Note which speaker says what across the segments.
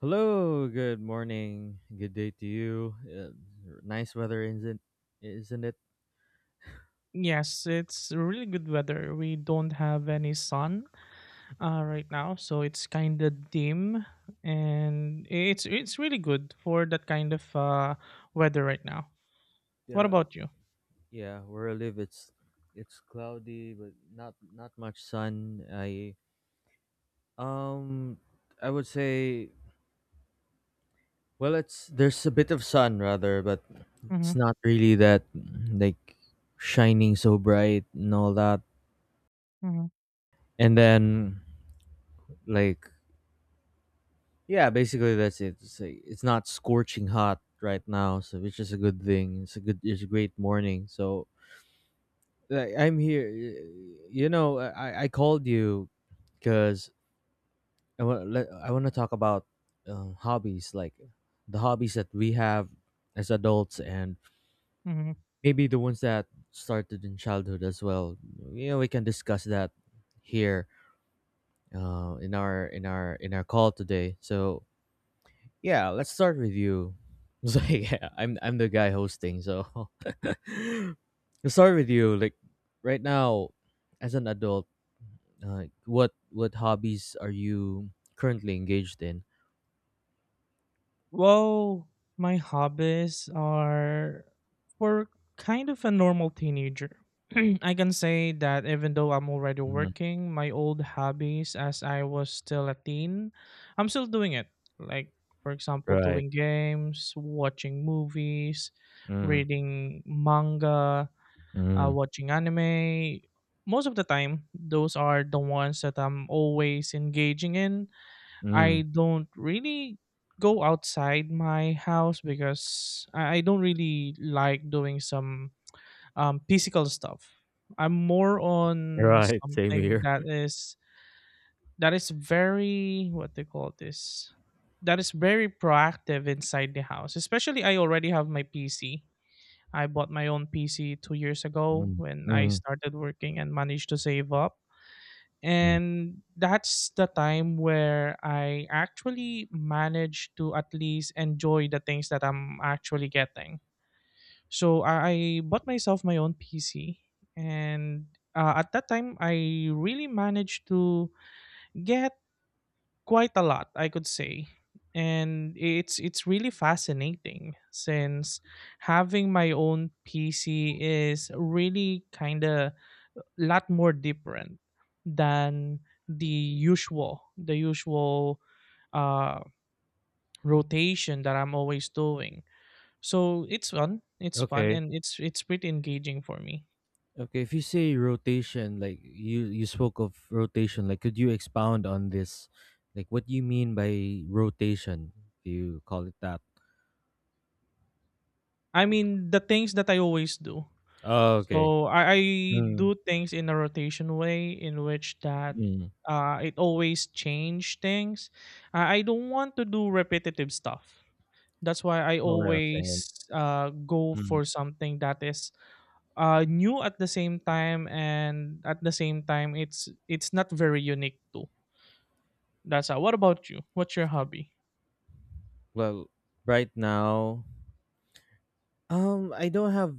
Speaker 1: Hello, good morning, good day to you. Nice weather, isn't it?
Speaker 2: Yes, it's really good weather. We don't have any sun right now, so it's kind of dim, and it's really good for that kind of weather right now. What
Speaker 1: Yeah,
Speaker 2: about you?
Speaker 1: yeah. Where I live, it's cloudy, but not much sun. Um, I would say, well, it's there's a bit of sun rather, but
Speaker 2: Mm-hmm,
Speaker 1: it's not really that like shining so bright and all that.
Speaker 2: mm-hmm,
Speaker 1: And then like yeah, basically that's it. It's, like, it's not scorching hot right now, so which is a good thing. It's a good, it's a great morning. So like, I'm here. You know, I called you because I want to talk about hobbies, like the hobbies that we have as adults, and
Speaker 2: mm-hmm.
Speaker 1: maybe the ones that started in childhood as well. You know, we can discuss that here in our call today. So yeah, let's start with you. So yeah, I'm the guy hosting, so let's start with you. Like right now, as an adult, what hobbies are you currently engaged in?
Speaker 2: Well, my hobbies are for kind of a normal teenager. I can say that even though I'm already
Speaker 1: Mm,
Speaker 2: working, my old hobbies as I was still a teen, I'm still doing it. Like, for example,
Speaker 1: right.
Speaker 2: doing games, watching movies,
Speaker 1: Mm,
Speaker 2: reading manga,
Speaker 1: mm,
Speaker 2: watching anime. Most of the time, those are the ones that I'm always engaging in.
Speaker 1: mm.
Speaker 2: I don't really go outside my house because I don't really like doing some physical stuff. I'm more on
Speaker 1: Right. Same
Speaker 2: something
Speaker 1: here.
Speaker 2: that is very, what they call this, that is very proactive inside the house. Especially I already have my PC. I bought my own PC 2 years ago
Speaker 1: Mm,
Speaker 2: when I
Speaker 1: mm,
Speaker 2: started working and managed to save up,
Speaker 1: mm.
Speaker 2: and that's the time where I actually managed to at least enjoy the things that I'm actually getting. So I bought myself my own PC, and at that time, I really managed to get quite a lot, I could say. And it's really fascinating since having my own PC is really kind of lot more different than the usual uh rotation that I'm always doing. So it's fun, it's fun,
Speaker 1: Okay.
Speaker 2: and it's pretty engaging for me.
Speaker 1: Okay. If you say rotation, like you spoke of rotation, like could you expound on this? Like what do you mean by rotation? Do you call it that?
Speaker 2: I mean, the things that I always do.
Speaker 1: Oh, okay.
Speaker 2: So I
Speaker 1: Mm.
Speaker 2: do things in a rotation way in which that
Speaker 1: Mm.
Speaker 2: it always change things. I don't want to do repetitive stuff. That's why I
Speaker 1: Oh, yeah, same.
Speaker 2: always go
Speaker 1: Mm.
Speaker 2: for something that is new at the same time, and at the same time, it's not very unique too. That's how. What about you? What's your hobby?
Speaker 1: Well, right now, I don't have,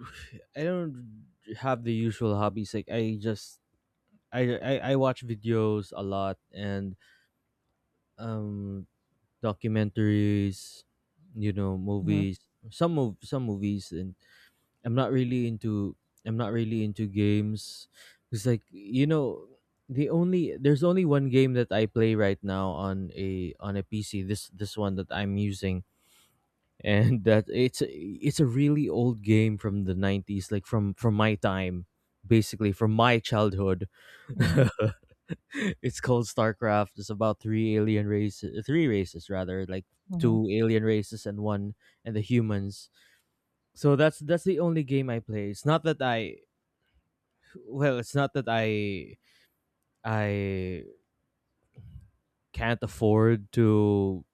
Speaker 1: I don't have the usual hobbies. Like I just, I watch videos a lot and um documentaries, you know,
Speaker 2: Hmm.
Speaker 1: movies. Some movies and I'm not really into I'm not really into games. It's like you know there's only one game that I play right now on a PC. This one that I'm using and that it's a really old game from the 90s, like from my time, basically from my childhood.
Speaker 2: Hmm.
Speaker 1: It's called StarCraft. It's about three races rather, like
Speaker 2: Hmm.
Speaker 1: two alien races and one and the humans. So that's the only game I play. It's not that I, well it's not that I can't afford to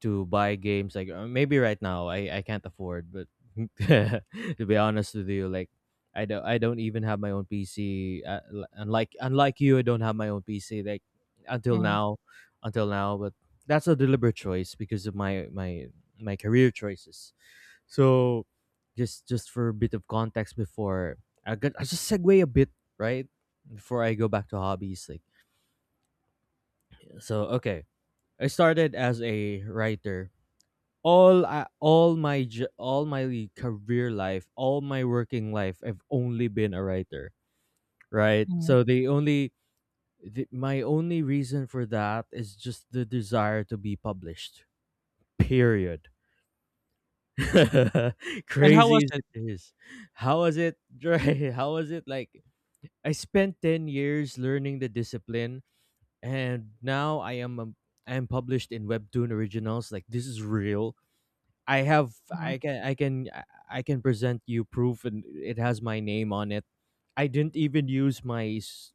Speaker 1: buy games, like maybe right now I can't afford, but to be honest with you, like I don't even have my own PC, unlike you. I don't have my own PC, like until
Speaker 2: Hmm.
Speaker 1: now, but that's a deliberate choice because of my my career choices. So just for a bit of context, before I got I just segue a bit, right? Before I go back to hobbies, like, so okay, I started as a writer. All my career life, all my working life, I've only been a writer, right?
Speaker 2: Hmm.
Speaker 1: So the, my only reason for that is just the desire to be published. Period.
Speaker 2: And how
Speaker 1: Crazy
Speaker 2: was
Speaker 1: as
Speaker 2: it?
Speaker 1: it is, how was it? Dre? How was it like? I spent 10 years learning the discipline, and now I am published in Webtoon Originals. Like this is real. I have,
Speaker 2: Hmm.
Speaker 1: I can present you proof and it has my name on it. I didn't even use my s-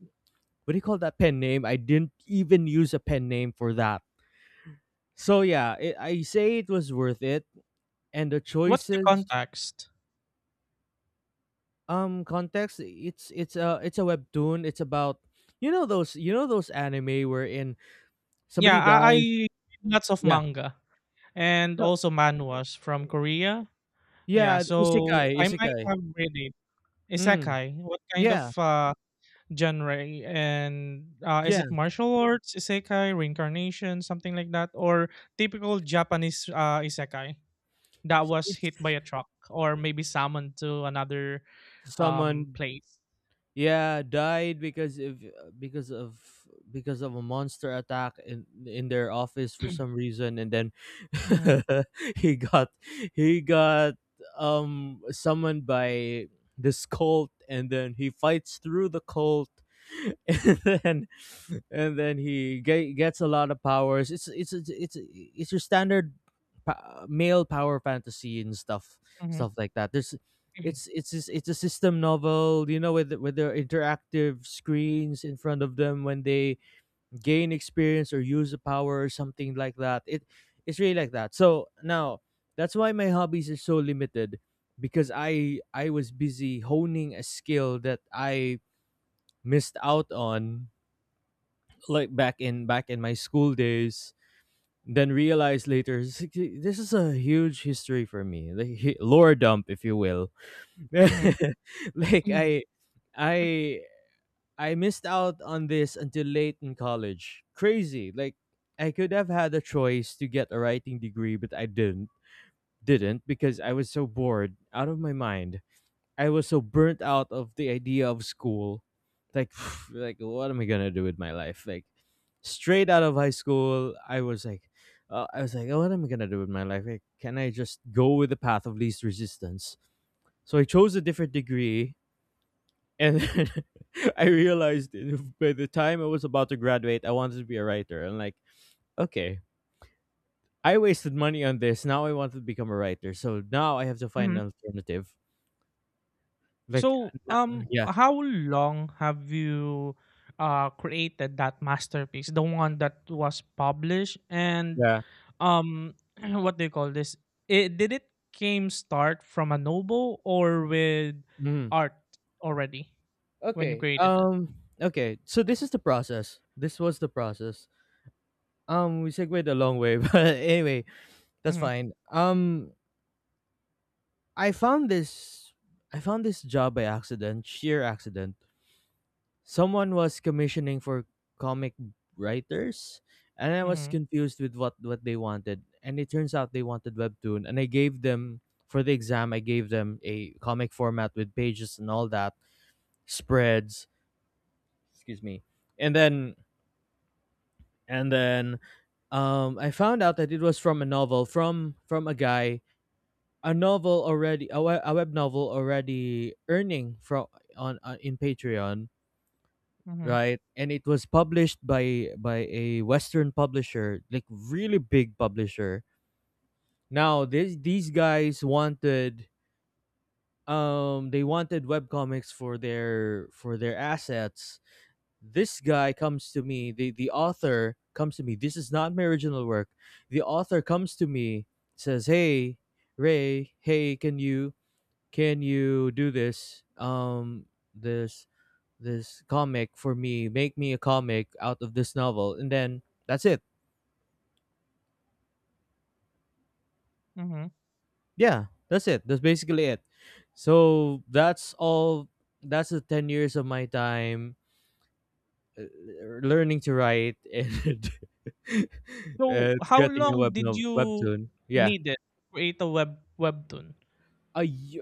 Speaker 1: What do you call that, pen name? I didn't even use a pen name for that. So yeah, it, I say it was worth it and the
Speaker 2: What's the
Speaker 1: choices.
Speaker 2: context?
Speaker 1: Um, context, it's a webtoon. It's about, you know those, you know those anime wherein
Speaker 2: Yeah,
Speaker 1: somebody
Speaker 2: I
Speaker 1: dies.
Speaker 2: read lots of
Speaker 1: Yeah.
Speaker 2: manga and
Speaker 1: No,
Speaker 2: also manhwas from Korea. Yeah,
Speaker 1: yeah,
Speaker 2: so
Speaker 1: isekai,
Speaker 2: I might
Speaker 1: isekai.
Speaker 2: have read it.
Speaker 1: Mm,
Speaker 2: Isekai. What kind of
Speaker 1: yeah,
Speaker 2: genre? And is
Speaker 1: yeah.
Speaker 2: it martial arts, isekai, reincarnation, something like that? Or typical Japanese isekai that was hit by
Speaker 1: It's
Speaker 2: a truck or maybe summoned to another
Speaker 1: summoned.
Speaker 2: place?
Speaker 1: Yeah, died because of because of a monster attack in their office for some reason, and then
Speaker 2: Mm-hmm,
Speaker 1: he got he got summoned by this cult, and then he fights through the cult, and then gets a lot of powers. It's your standard male power fantasy and stuff,
Speaker 2: mm-hmm,
Speaker 1: stuff like that. There's,
Speaker 2: mm-hmm,
Speaker 1: it's a system novel, you know, with their interactive screens in front of them when they gain experience or use a power or something like that. It it's really like that. So now that's why my hobbies are so limited because I was busy honing a skill that I missed out on, like back in my school days, then realized later, "This is a huge history for me, the lore dump, if you will."
Speaker 2: mm-hmm.
Speaker 1: Like
Speaker 2: Mm-hmm.
Speaker 1: I I missed out on this until late in college. Crazy. Like I could have had a choice to get a writing degree, but I didn't because I was so bored out of my mind. I was so burnt out of the idea of school. Like like what am I going to do with my life? Like straight out of high school, I was like, I was like, oh, what am I gonna do with my life? Like, can I just go with the path of least resistance? So I chose a different degree, and then I realized by the time I was about to graduate, I wanted to be a writer. And like, okay, I wasted money on this. Now I want to become a writer. So now I have to find an alternative. Like,
Speaker 2: So,
Speaker 1: yeah,
Speaker 2: how long have you created that masterpiece, the one that was published, and
Speaker 1: yeah.
Speaker 2: um, what do you call this? It, did it came start from a novel or with
Speaker 1: Mhm.
Speaker 2: art already when you
Speaker 1: Okay.
Speaker 2: created it?
Speaker 1: Um, okay. So this is the process. This was the process. Um, we segued a long way, but anyway, that's
Speaker 2: Mm-hmm,
Speaker 1: fine. Um, I found this. I found this job by accident, sheer accident. Someone was commissioning for comic writers, and I was
Speaker 2: mm-hmm,
Speaker 1: confused with what they wanted, and it turns out they wanted webtoon, and I gave them, for the exam, I gave them a comic format with pages and all that, spreads, excuse me, and then I found out that it was from a novel, from a guy, a novel already, a web novel already earning from on in Patreon,
Speaker 2: mm-hmm,
Speaker 1: right? And it was published by a Western publisher, like really big publisher. Now these guys wanted, they wanted webcomics for their assets. This guy comes to me, the author comes to me. This is not my original work. The author comes to me, says, "Hey, Ray, hey, can you do this? Um, this comic for me, make me a comic out of this novel," and then that's it.
Speaker 2: mm-hmm.
Speaker 1: Yeah, that's it. That's basically it. So that's all. That's the 10 years of my time, uh, learning to write and
Speaker 2: So,
Speaker 1: and
Speaker 2: how
Speaker 1: getting a
Speaker 2: long
Speaker 1: web
Speaker 2: did
Speaker 1: no-
Speaker 2: you
Speaker 1: webtoon. Yeah,
Speaker 2: need it to create a webtoon?
Speaker 1: a y-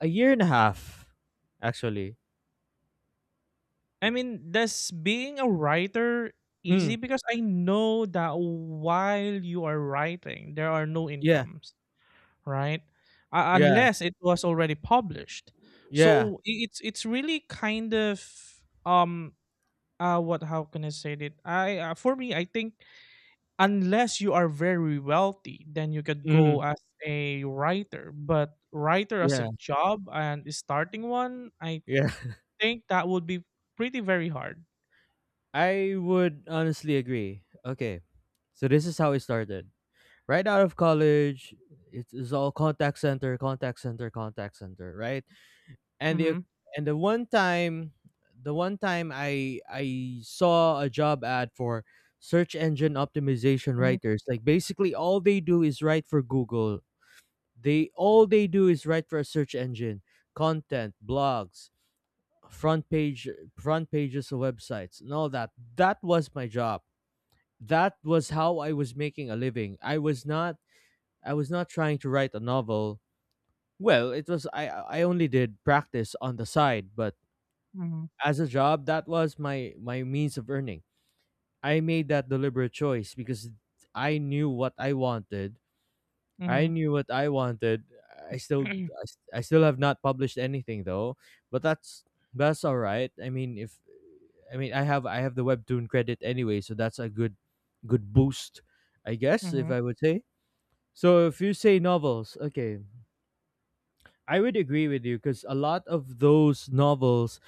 Speaker 1: a year and a half, actually.
Speaker 2: I mean, does being a writer
Speaker 1: Mm,
Speaker 2: easy? Because I know that while you are writing, there are no
Speaker 1: yeah,
Speaker 2: incomes, right?
Speaker 1: yeah,
Speaker 2: Unless it was already published.
Speaker 1: yeah.
Speaker 2: So it's really kind of um what, how can I say it? I for me, I think unless you are very wealthy, then you could
Speaker 1: Mm,
Speaker 2: go as a writer. But writer as a
Speaker 1: yeah,
Speaker 2: job and starting one, I
Speaker 1: yeah.
Speaker 2: think that would be pretty very hard.
Speaker 1: I would honestly agree. Okay, so this is how it started. Right out of college, it's all contact center, contact center, contact center, right? And
Speaker 2: Mm-hmm.
Speaker 1: the one time, the one time I saw a job ad for search engine optimization writers. Like basically all they do is write for Google. They do is write for a search engine, content blogs, front page front pages of websites and all that. That was my job. That was how I was making a living. I was not trying to write a novel. Well, it was, I only did practice on the side, but
Speaker 2: Mhm,
Speaker 1: as a job, that was my my means of earning. I made that deliberate choice because I knew what I wanted. I
Speaker 2: mhm,
Speaker 1: knew what I wanted.
Speaker 2: mhm,
Speaker 1: I still have not published anything though, but that's all right. I mean, if I mean, I have the webtoon credit anyway, so that's a good boost, I guess, if
Speaker 2: mhm,
Speaker 1: I would say. So if you say novels, okay, I would agree with you because a lot of those novels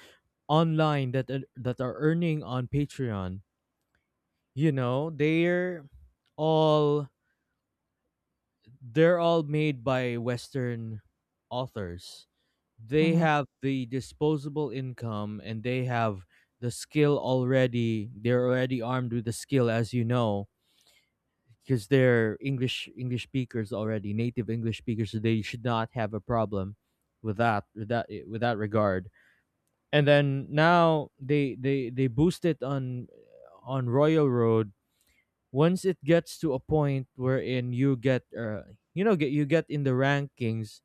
Speaker 1: online that are earning on Patreon, you know, they're all, they're all made by Western authors. They have the disposable income and they have the skill already. They're already armed with the skill, as you know, because they're English speakers already, native English speakers. So they should not have a problem with that, with that regard. And then now they boost it on Royal Road. Once it gets to a point wherein you get you know, get you get in the rankings,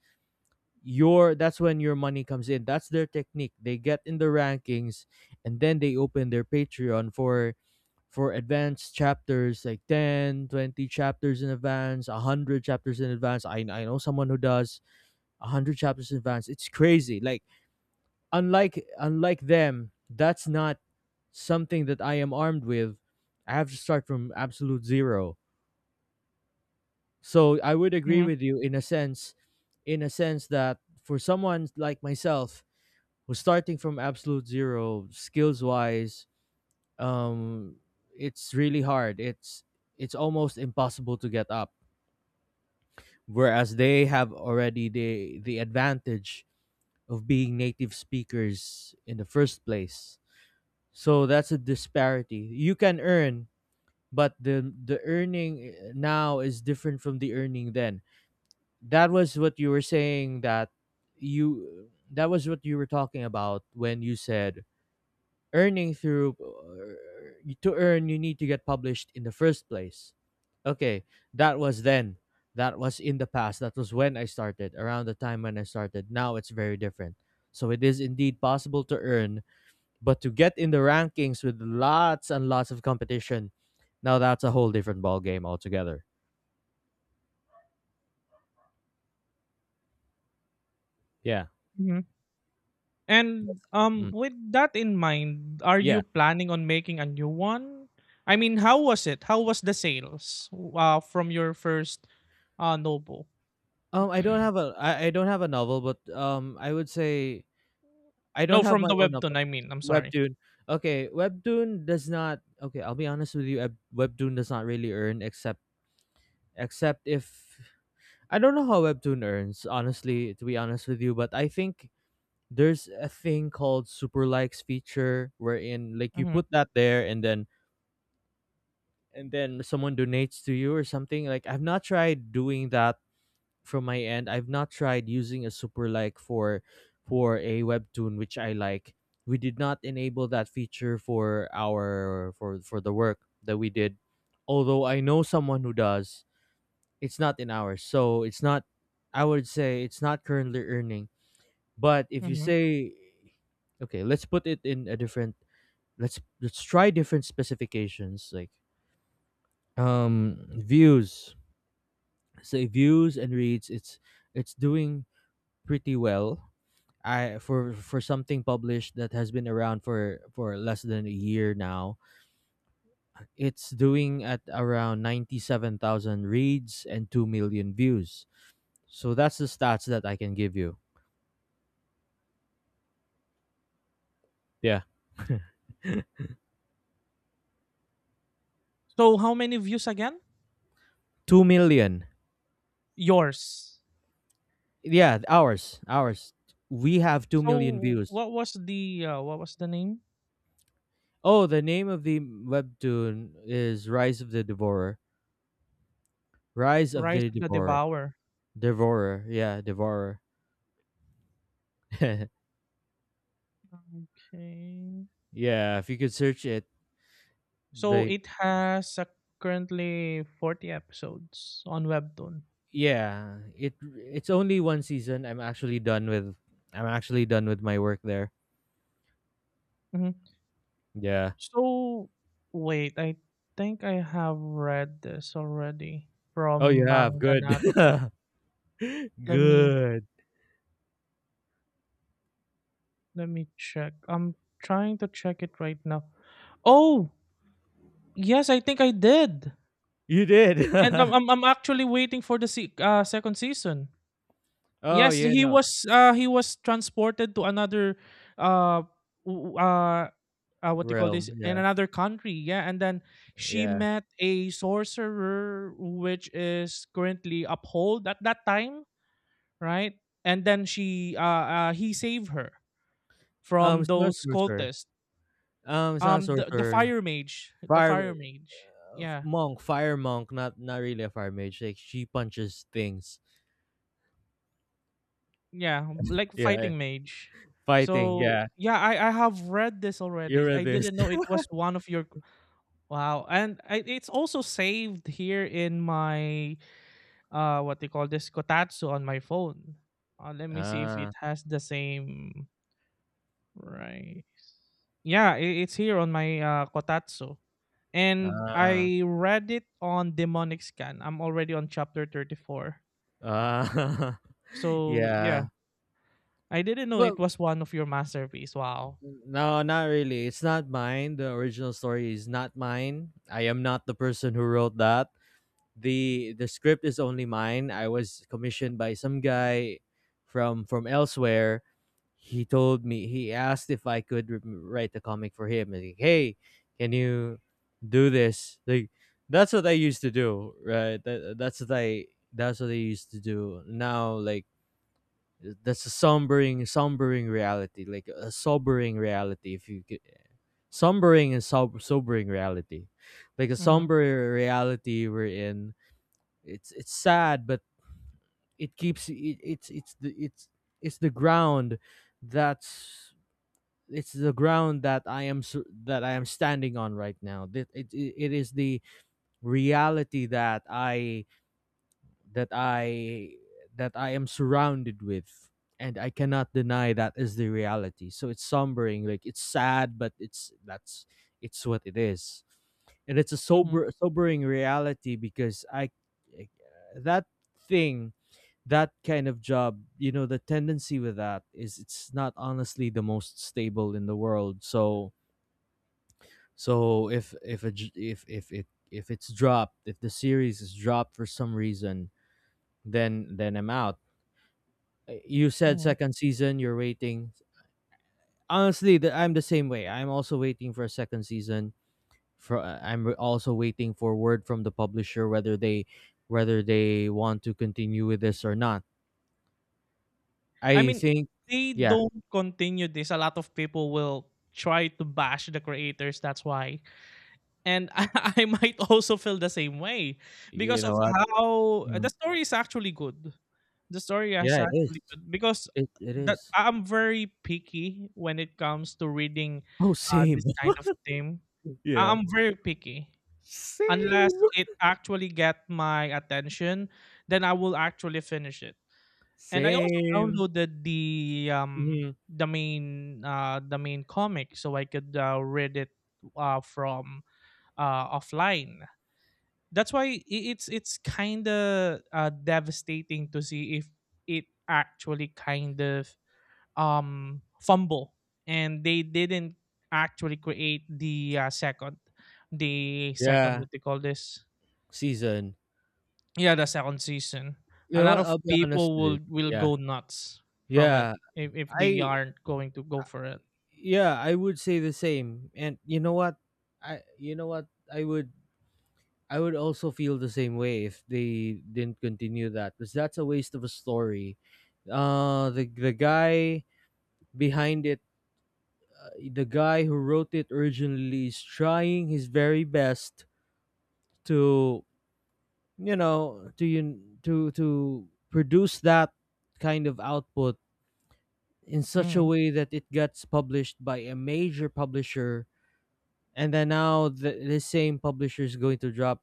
Speaker 1: your that's when your money comes in. That's their technique. They get in the rankings and then they open their Patreon for advanced chapters, like 10, 20 chapters in advance, 100 chapters in advance. I know someone who does 100 chapters in advance. It's crazy. Like unlike them, that's not something that I am armed with. I have to start from absolute zero. So I would agree
Speaker 2: mhm,
Speaker 1: with you in a sense that for someone like myself who's starting from absolute zero, skills wise, um, it's really hard. It's almost impossible to get up. Whereas they have already the advantage of being native speakers in the first place. So that's a disparity. You can earn, but the earning now is different from the earning then. That was what you were saying that you that was what you were talking about when you said earning through to earn you need to get published in the first place. Okay, that was then. That was in the past. That was when I started, around the time when I started. Now it's very different. So it is indeed possible to earn, but to get in the rankings with lots and lots of competition, now that's a whole different ball game altogether. Yeah.
Speaker 2: mhm. And
Speaker 1: Mm.
Speaker 2: with that in mind, are you
Speaker 1: Yeah.
Speaker 2: planning on making a new one? I mean, how was it? How was the sales from your first Nobu?
Speaker 1: I don't have a I don't have a novel, but I would say I don't
Speaker 2: No,
Speaker 1: have
Speaker 2: from
Speaker 1: my
Speaker 2: the
Speaker 1: own
Speaker 2: webtoon,
Speaker 1: novel.
Speaker 2: I mean. I'm sorry.
Speaker 1: Webtoon. Okay, Webtoon does not. Okay, I'll be honest with you. Webtoon does not really earn except if I don't know how Webtoon earns. Honestly, to be honest with you, but I think there's a thing called super likes feature wherein like you
Speaker 2: Mhm,
Speaker 1: put that there and then someone donates to you or something. Like I've not tried doing that from my end. I've not tried using a super like for a webtoon which I like. We did not enable that feature for our for the work that we did, although I know someone who does. It's not in ours, so it's not, I would say it's not currently earning. But if you
Speaker 2: mhm.
Speaker 1: say, okay, let's put it in a different, let's try different specifications like views. So views and reads, it's doing pretty well. I For something published that has been around for less than a year now, it's doing at around 97,000 reads and 2 million views. So that's the stats that I can give you. Yeah.
Speaker 2: So how many views again?
Speaker 1: 2 million.
Speaker 2: Yours.
Speaker 1: Yeah, ours. We have 2 million
Speaker 2: So
Speaker 1: views.
Speaker 2: what was the name?
Speaker 1: Oh, the name of the webtoon is Rise of the Devourer. Rise of
Speaker 2: Rise
Speaker 1: the
Speaker 2: of the
Speaker 1: Devourer.
Speaker 2: Devourer.
Speaker 1: Devourer, yeah, devourer.
Speaker 2: Okay.
Speaker 1: Yeah, if you could search it,
Speaker 2: So
Speaker 1: like
Speaker 2: it has currently 40 episodes on Webtoon.
Speaker 1: yeah, it it's only one season. I'm actually done with my work there.
Speaker 2: Hmm.
Speaker 1: Yeah.
Speaker 2: So wait, I think I have read this already
Speaker 1: Oh, you
Speaker 2: from
Speaker 1: have, good.
Speaker 2: Manganato. Let me
Speaker 1: Good.
Speaker 2: let me check. I'm trying to check it right now. Oh, yes, I think I did.
Speaker 1: You did.
Speaker 2: And I'm actually waiting for the second season.
Speaker 1: Oh,
Speaker 2: Yes,
Speaker 1: you know
Speaker 2: he was transported to another uh w- uh what do you call this,
Speaker 1: realm.
Speaker 2: in
Speaker 1: Yeah,
Speaker 2: another country, yeah, and then she
Speaker 1: yeah.
Speaker 2: met a sorcerer which is currently uphold at that time, right, and then she he saved her from
Speaker 1: It's not
Speaker 2: those
Speaker 1: sorcerer.
Speaker 2: cultists.
Speaker 1: It's not
Speaker 2: The
Speaker 1: sorcerer.
Speaker 2: fire mage, the fire
Speaker 1: Fire
Speaker 2: mage. Yeah,
Speaker 1: monk, fire monk. Not really a fire mage. Like she punches things.
Speaker 2: yeah, like
Speaker 1: Yeah,
Speaker 2: fighting mage.
Speaker 1: fighting.
Speaker 2: So
Speaker 1: Yeah,
Speaker 2: yeah, I have read this already.
Speaker 1: you're
Speaker 2: I
Speaker 1: this.
Speaker 2: didn't know it was one of your. Wow, and I, it's also saved here in my what they call this, Kotatsu, on my phone. Let me see if it
Speaker 1: Ah,
Speaker 2: has the same right. Yeah, it's here on my Kotatsu, and
Speaker 1: ah,
Speaker 2: I read it on Demonic Scan. I'm already on chapter 34.
Speaker 1: ah.
Speaker 2: So
Speaker 1: Yeah.
Speaker 2: yeah, I didn't know
Speaker 1: Well,
Speaker 2: it was one of your masterpiece. Wow.
Speaker 1: no, not really. It's not mine. The original story is not mine. I am not the person who wrote that. The script is only mine. I was commissioned by some guy from elsewhere. He told me he asked if I could write the comic for him. And like, hey, can you do this? Like that's what I used to do, right? That's what I used to do. Now, like that's a sombering reality, like a sobering reality if you could, sobering reality, like a
Speaker 2: Mm-hmm,
Speaker 1: somber reality we're in. It's sad, but it keeps it, it's the it's the ground that's, it's the ground that I am that I am standing on right now. It is the reality that I that I that I am surrounded with, and I cannot deny that is the reality. So it's sombering, like it's sad, but it's that's it's what it is. And it's a
Speaker 2: mm-hmm,
Speaker 1: sobering reality because I, eh, that thing, that kind of job, you know, the tendency with that is it's not honestly the most stable in the world. So, so if if it, if it's dropped, if the series is dropped for some reason, then I'm out. You said
Speaker 2: mm-hmm.
Speaker 1: second season. You're waiting. Honestly, I'm the same way. I'm also waiting for a second season. For I'm also waiting for word from the publisher whether they want to continue with this or not.
Speaker 2: I
Speaker 1: I
Speaker 2: mean, if
Speaker 1: think,
Speaker 2: they
Speaker 1: yeah,
Speaker 2: don't continue this, a lot of people will try to bash the creators. That's why, and I might also feel the same way
Speaker 1: you
Speaker 2: because of
Speaker 1: know what?
Speaker 2: how the
Speaker 1: Mm.
Speaker 2: story is actually good. The story is
Speaker 1: Yeah, it is.
Speaker 2: actually good because
Speaker 1: It
Speaker 2: that
Speaker 1: is.
Speaker 2: I'm very picky when it comes to reading
Speaker 1: Oh, same.
Speaker 2: this kind of theme.
Speaker 1: Yeah,
Speaker 2: I'm very picky. Unless
Speaker 1: same,
Speaker 2: it actually get my attention, then I will actually finish it. And I also
Speaker 1: same.
Speaker 2: downloaded
Speaker 1: Mhm.
Speaker 2: the main comic so I could read it from offline. That's why it's kind of devastating to see if it actually kind of fumble and they didn't actually create the second the second,
Speaker 1: Yeah,
Speaker 2: what they call this.
Speaker 1: season.
Speaker 2: Yeah, the second season.
Speaker 1: You
Speaker 2: A
Speaker 1: know
Speaker 2: lot
Speaker 1: what?
Speaker 2: of
Speaker 1: I'll be honest
Speaker 2: people
Speaker 1: with you.
Speaker 2: will
Speaker 1: Yeah,
Speaker 2: go nuts from it
Speaker 1: yeah.
Speaker 2: if they
Speaker 1: I
Speaker 2: aren't going to go for it.
Speaker 1: Yeah, I would say the same. And you know what, I you know what, i would I would also feel the same way if they didn't continue that, because that's a waste of a story. The guy behind it, the guy who wrote it originally is trying his very best to you know, to produce that kind of output in such a
Speaker 2: Mm,
Speaker 1: way that it gets published by a major publisher. And then now the same publisher is going to drop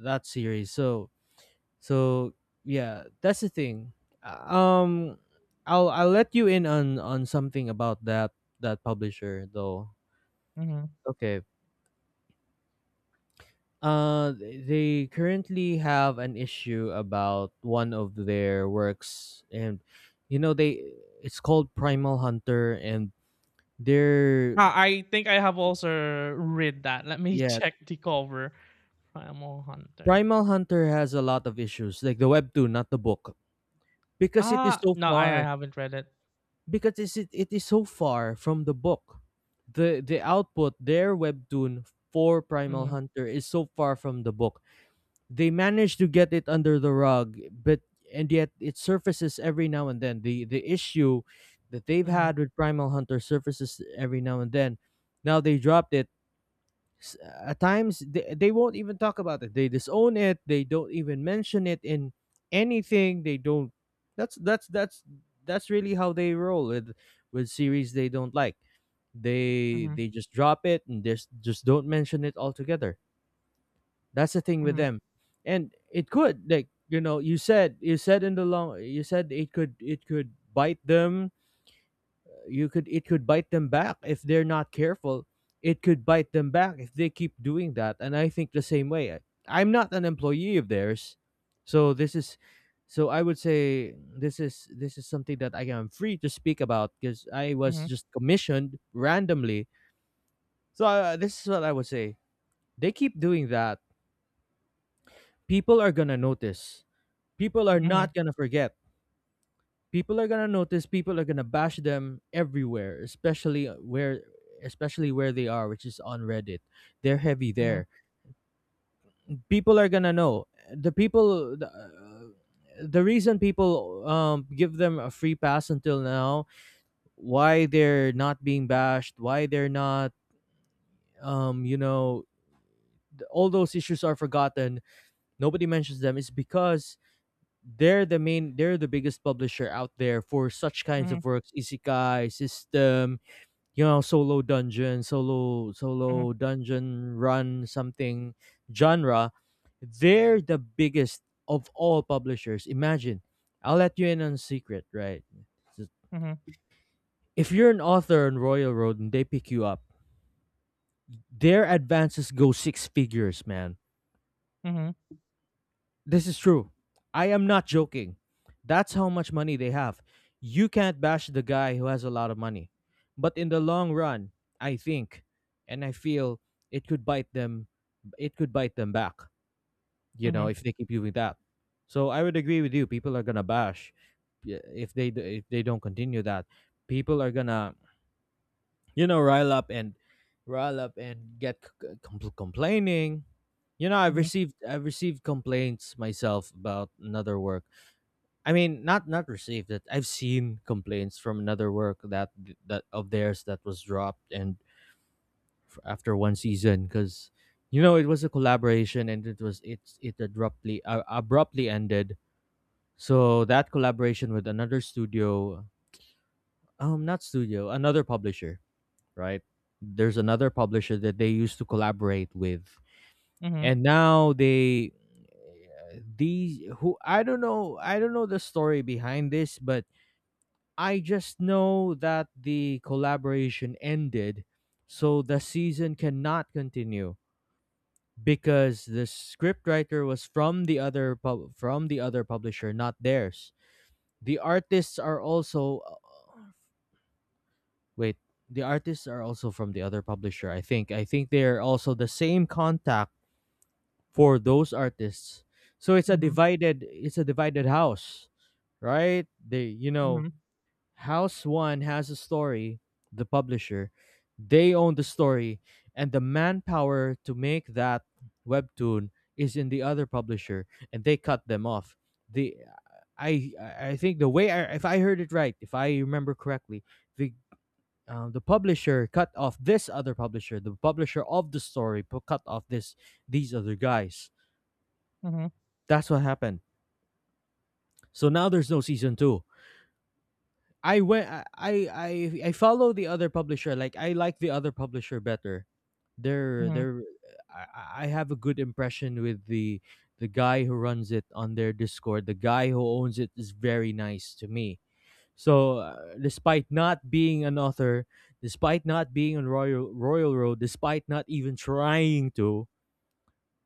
Speaker 1: that series. So, so yeah, that's the thing. Uh, um I'll let you in on something about that publisher though.
Speaker 2: mhm.
Speaker 1: Okay. They currently have an issue about one of their works, and you know they, it's called Primal Hunter, and they're,
Speaker 2: Ah, I think I have also read that. Let me
Speaker 1: yeah,
Speaker 2: check the cover. Primal Hunter.
Speaker 1: Primal Hunter has a lot of issues, like the webtoon, not the book, because it is
Speaker 2: Ah,
Speaker 1: so
Speaker 2: no, I
Speaker 1: far,
Speaker 2: haven't read it.
Speaker 1: because it is so far from the book. The output, their webtoon for Primal
Speaker 2: Mhm,
Speaker 1: Hunter is so far from the book. They managed to get it under the rug, but, and yet it surfaces every now and then. The issue that they've
Speaker 2: mhm,
Speaker 1: had with Primal Hunter surfaces every now and then. Now they dropped it. At times they won't even talk about it, they disown it, they don't even mention it in anything. They don't, that's that's that's that's really how they roll with series they don't like.
Speaker 2: mhm,
Speaker 1: They just drop it and just don't mention it altogether. That's the thing with
Speaker 2: mhm,
Speaker 1: them. And it could, like you know, you said in the long, you said it could, bite them. You could, it could bite them back if they're not careful. It could bite them back if they keep doing that. And I think the same way. I, I'm not an employee of theirs, so this is, so I would say this is something that I am free to speak about because I was just commissioned randomly. So this is what I would say. They keep doing that. People are gonna notice. People are
Speaker 2: mhm,
Speaker 1: not gonna forget, people are gonna bash them everywhere, especially where especially where they are, which is on Reddit. They're heavy
Speaker 2: mhm,
Speaker 1: there. People are gonna know the people the, uh, the reason people give them a free pass until now, why they're not being bashed, why they're not, you know, all those issues are forgotten, nobody mentions them, is because they're the main, they're the biggest publisher out there for such kinds of
Speaker 2: mhm,
Speaker 1: works. Isekai system, you know, solo dungeon,
Speaker 2: mhm,
Speaker 1: solo dungeon run, something genre. They're the biggest of all publishers. Imagine, I'll let you in on a secret, right? So,
Speaker 2: mhm,
Speaker 1: if you're an author on Royal Road and they pick you up, their advances go six figures, man.
Speaker 2: mhm,
Speaker 1: This is true. I am not joking. That's how much money they have. You can't bash the guy who has a lot of money. But in the long run, I think and I feel it could bite them, it could bite them back, you know,
Speaker 2: mhm,
Speaker 1: if they keep doing that. So I would agree with you. People are going to bash, yeah, if they if they don't continue that. People are going to you know rile up and get complaining. You know, I've
Speaker 2: mhm,
Speaker 1: received complaints myself about another work. I mean, not received, that I've seen complaints from another work that, that of theirs that was dropped after one season, because you know it was a collaboration, and it was, it abruptly abruptly ended. So that collaboration with another studio, not studio, another publisher, right? There's another publisher that they used to collaborate with,
Speaker 2: mhm,
Speaker 1: and now they, these who, I don't know, the story behind this, but I just know that the collaboration ended, so the season cannot continue because the scriptwriter was from the other from the other publisher, not theirs. The artists are also wait, the artists are also from the other publisher, I think. I think they're also the same contact for those artists. So it's a
Speaker 2: mhm, mhm,
Speaker 1: divided, it's a divided house, right? They, you
Speaker 2: mhm,
Speaker 1: know,
Speaker 2: mhm,
Speaker 1: house one has a story. The publisher, they own the story, and the manpower to make that webtoon is in the other publisher, and they cut them off. The, I think the way I, if I heard it right, if I remember correctly, the the publisher cut off this other publisher, the publisher of the story cut off this these other guys.
Speaker 2: mhm,
Speaker 1: That's what happened. So now there's no season two. I went. I follow the other publisher. Like I like the other publisher better.
Speaker 2: mhm,
Speaker 1: They're, I have a good impression with the guy who runs it on their Discord. The guy who owns it is very nice to me. So, despite not being an author, despite not being on Royal Road, despite not even trying to,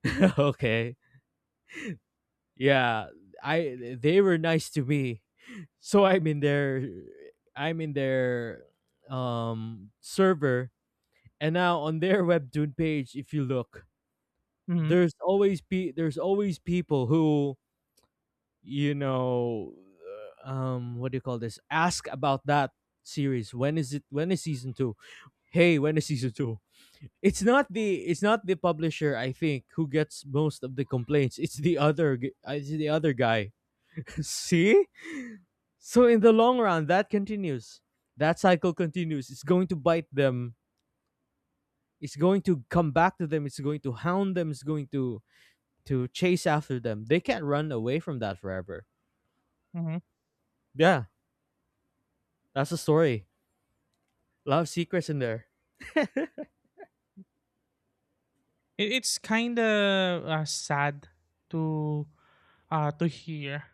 Speaker 1: okay, yeah, I they were nice to me. So I'm in their, I'm in their, server, and now on their webtoon page, if you look,
Speaker 2: mhm.
Speaker 1: there's always people who you know, what do you call this, ask about that series. When is it? When is season two? Hey, when is season two? It's not the, it's not the publisher, I think, who gets most of the complaints. It's the it's the other guy. See? So in the long run, that continues, that cycle continues. It's going to bite them. It's going to come back to them. It's going to hound them. It's going to chase after them. They can't run away from that forever.
Speaker 2: Mhm.
Speaker 1: Yeah, that's the story. A lot of secrets in there.
Speaker 2: It's kind of sad to to hear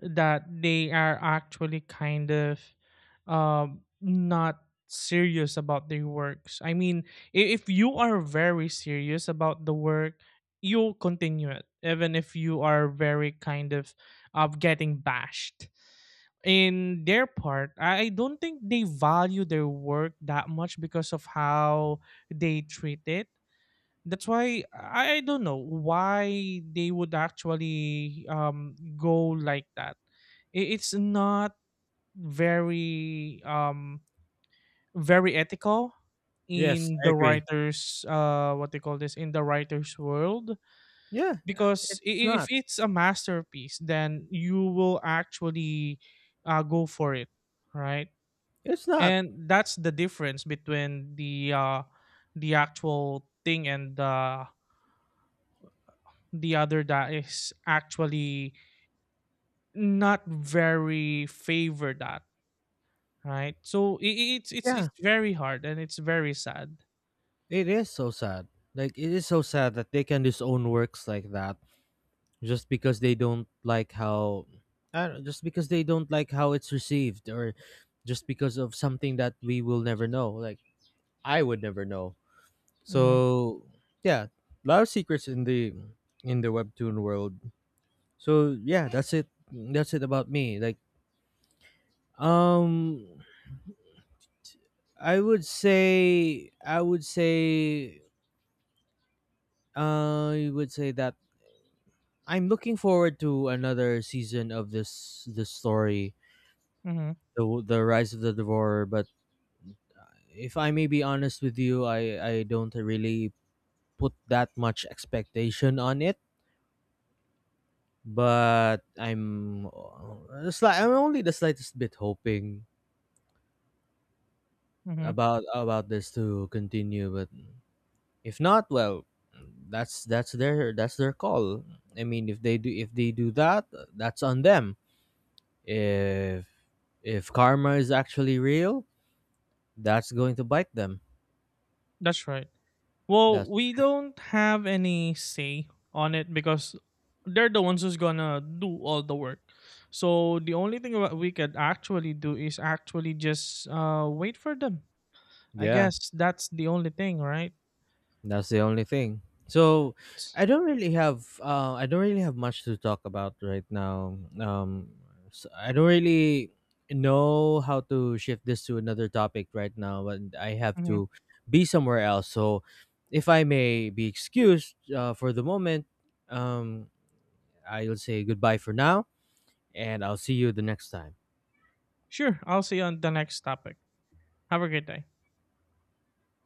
Speaker 2: that they are actually kind of not serious about their works. I mean, if you are very serious about the work, you'll continue it, even if you are very kind of getting bashed. In their part, I don't think they value their work that much because of how they treat it. That's why I don't know why they would actually go like that. It's not very very ethical
Speaker 1: Yes,
Speaker 2: in
Speaker 1: I
Speaker 2: the
Speaker 1: agree.
Speaker 2: writers what they call this, in the writers world,
Speaker 1: Yeah,
Speaker 2: because
Speaker 1: it's not,
Speaker 2: if it's a masterpiece, then you will actually go for it, right?
Speaker 1: it's not,
Speaker 2: And that's the difference between the actual thing and the other that is actually not very favored, that right. So it's it's
Speaker 1: yeah.
Speaker 2: it's very hard and it's very sad.
Speaker 1: It is so sad. Like, it is so sad that they can disown works like that just because they don't like how, I don't, just because they don't like how it's received, or just because of something that we will never know. Like, I would never know.
Speaker 2: Hmm.
Speaker 1: So yeah, a lot of secrets in the webtoon world. So yeah, that's it. That's it about me. Like, um I would say, I would say that I'm looking forward to another season of this story,
Speaker 2: Hmm.
Speaker 1: the Rise of the Devourer. But if I may be honest with you, I don't really put that much expectation on it. But I'm I'm only the slightest bit hoping
Speaker 2: Hmm.
Speaker 1: about this to continue. But if not, well, that's that's their call. I mean, if they do, that, that's on them. If karma is actually real, that's going to bite them.
Speaker 2: That's right. Well,
Speaker 1: That's,
Speaker 2: we don't have any say on it because they're the ones who's gonna do all the work. So the only thing what we could actually do is actually just wait for them. I
Speaker 1: yeah,
Speaker 2: guess that's the only thing, right?
Speaker 1: that's the only thing. So I don't really have I don't really have much to talk about right now. So I don't really know how to shift this to another topic right now, and I have
Speaker 2: Mhm.
Speaker 1: to be somewhere else. So if I may be excused for the moment, um, I'll say goodbye for now, and I'll see you the next time.
Speaker 2: Sure. I'll see you on the next topic. Have a great day.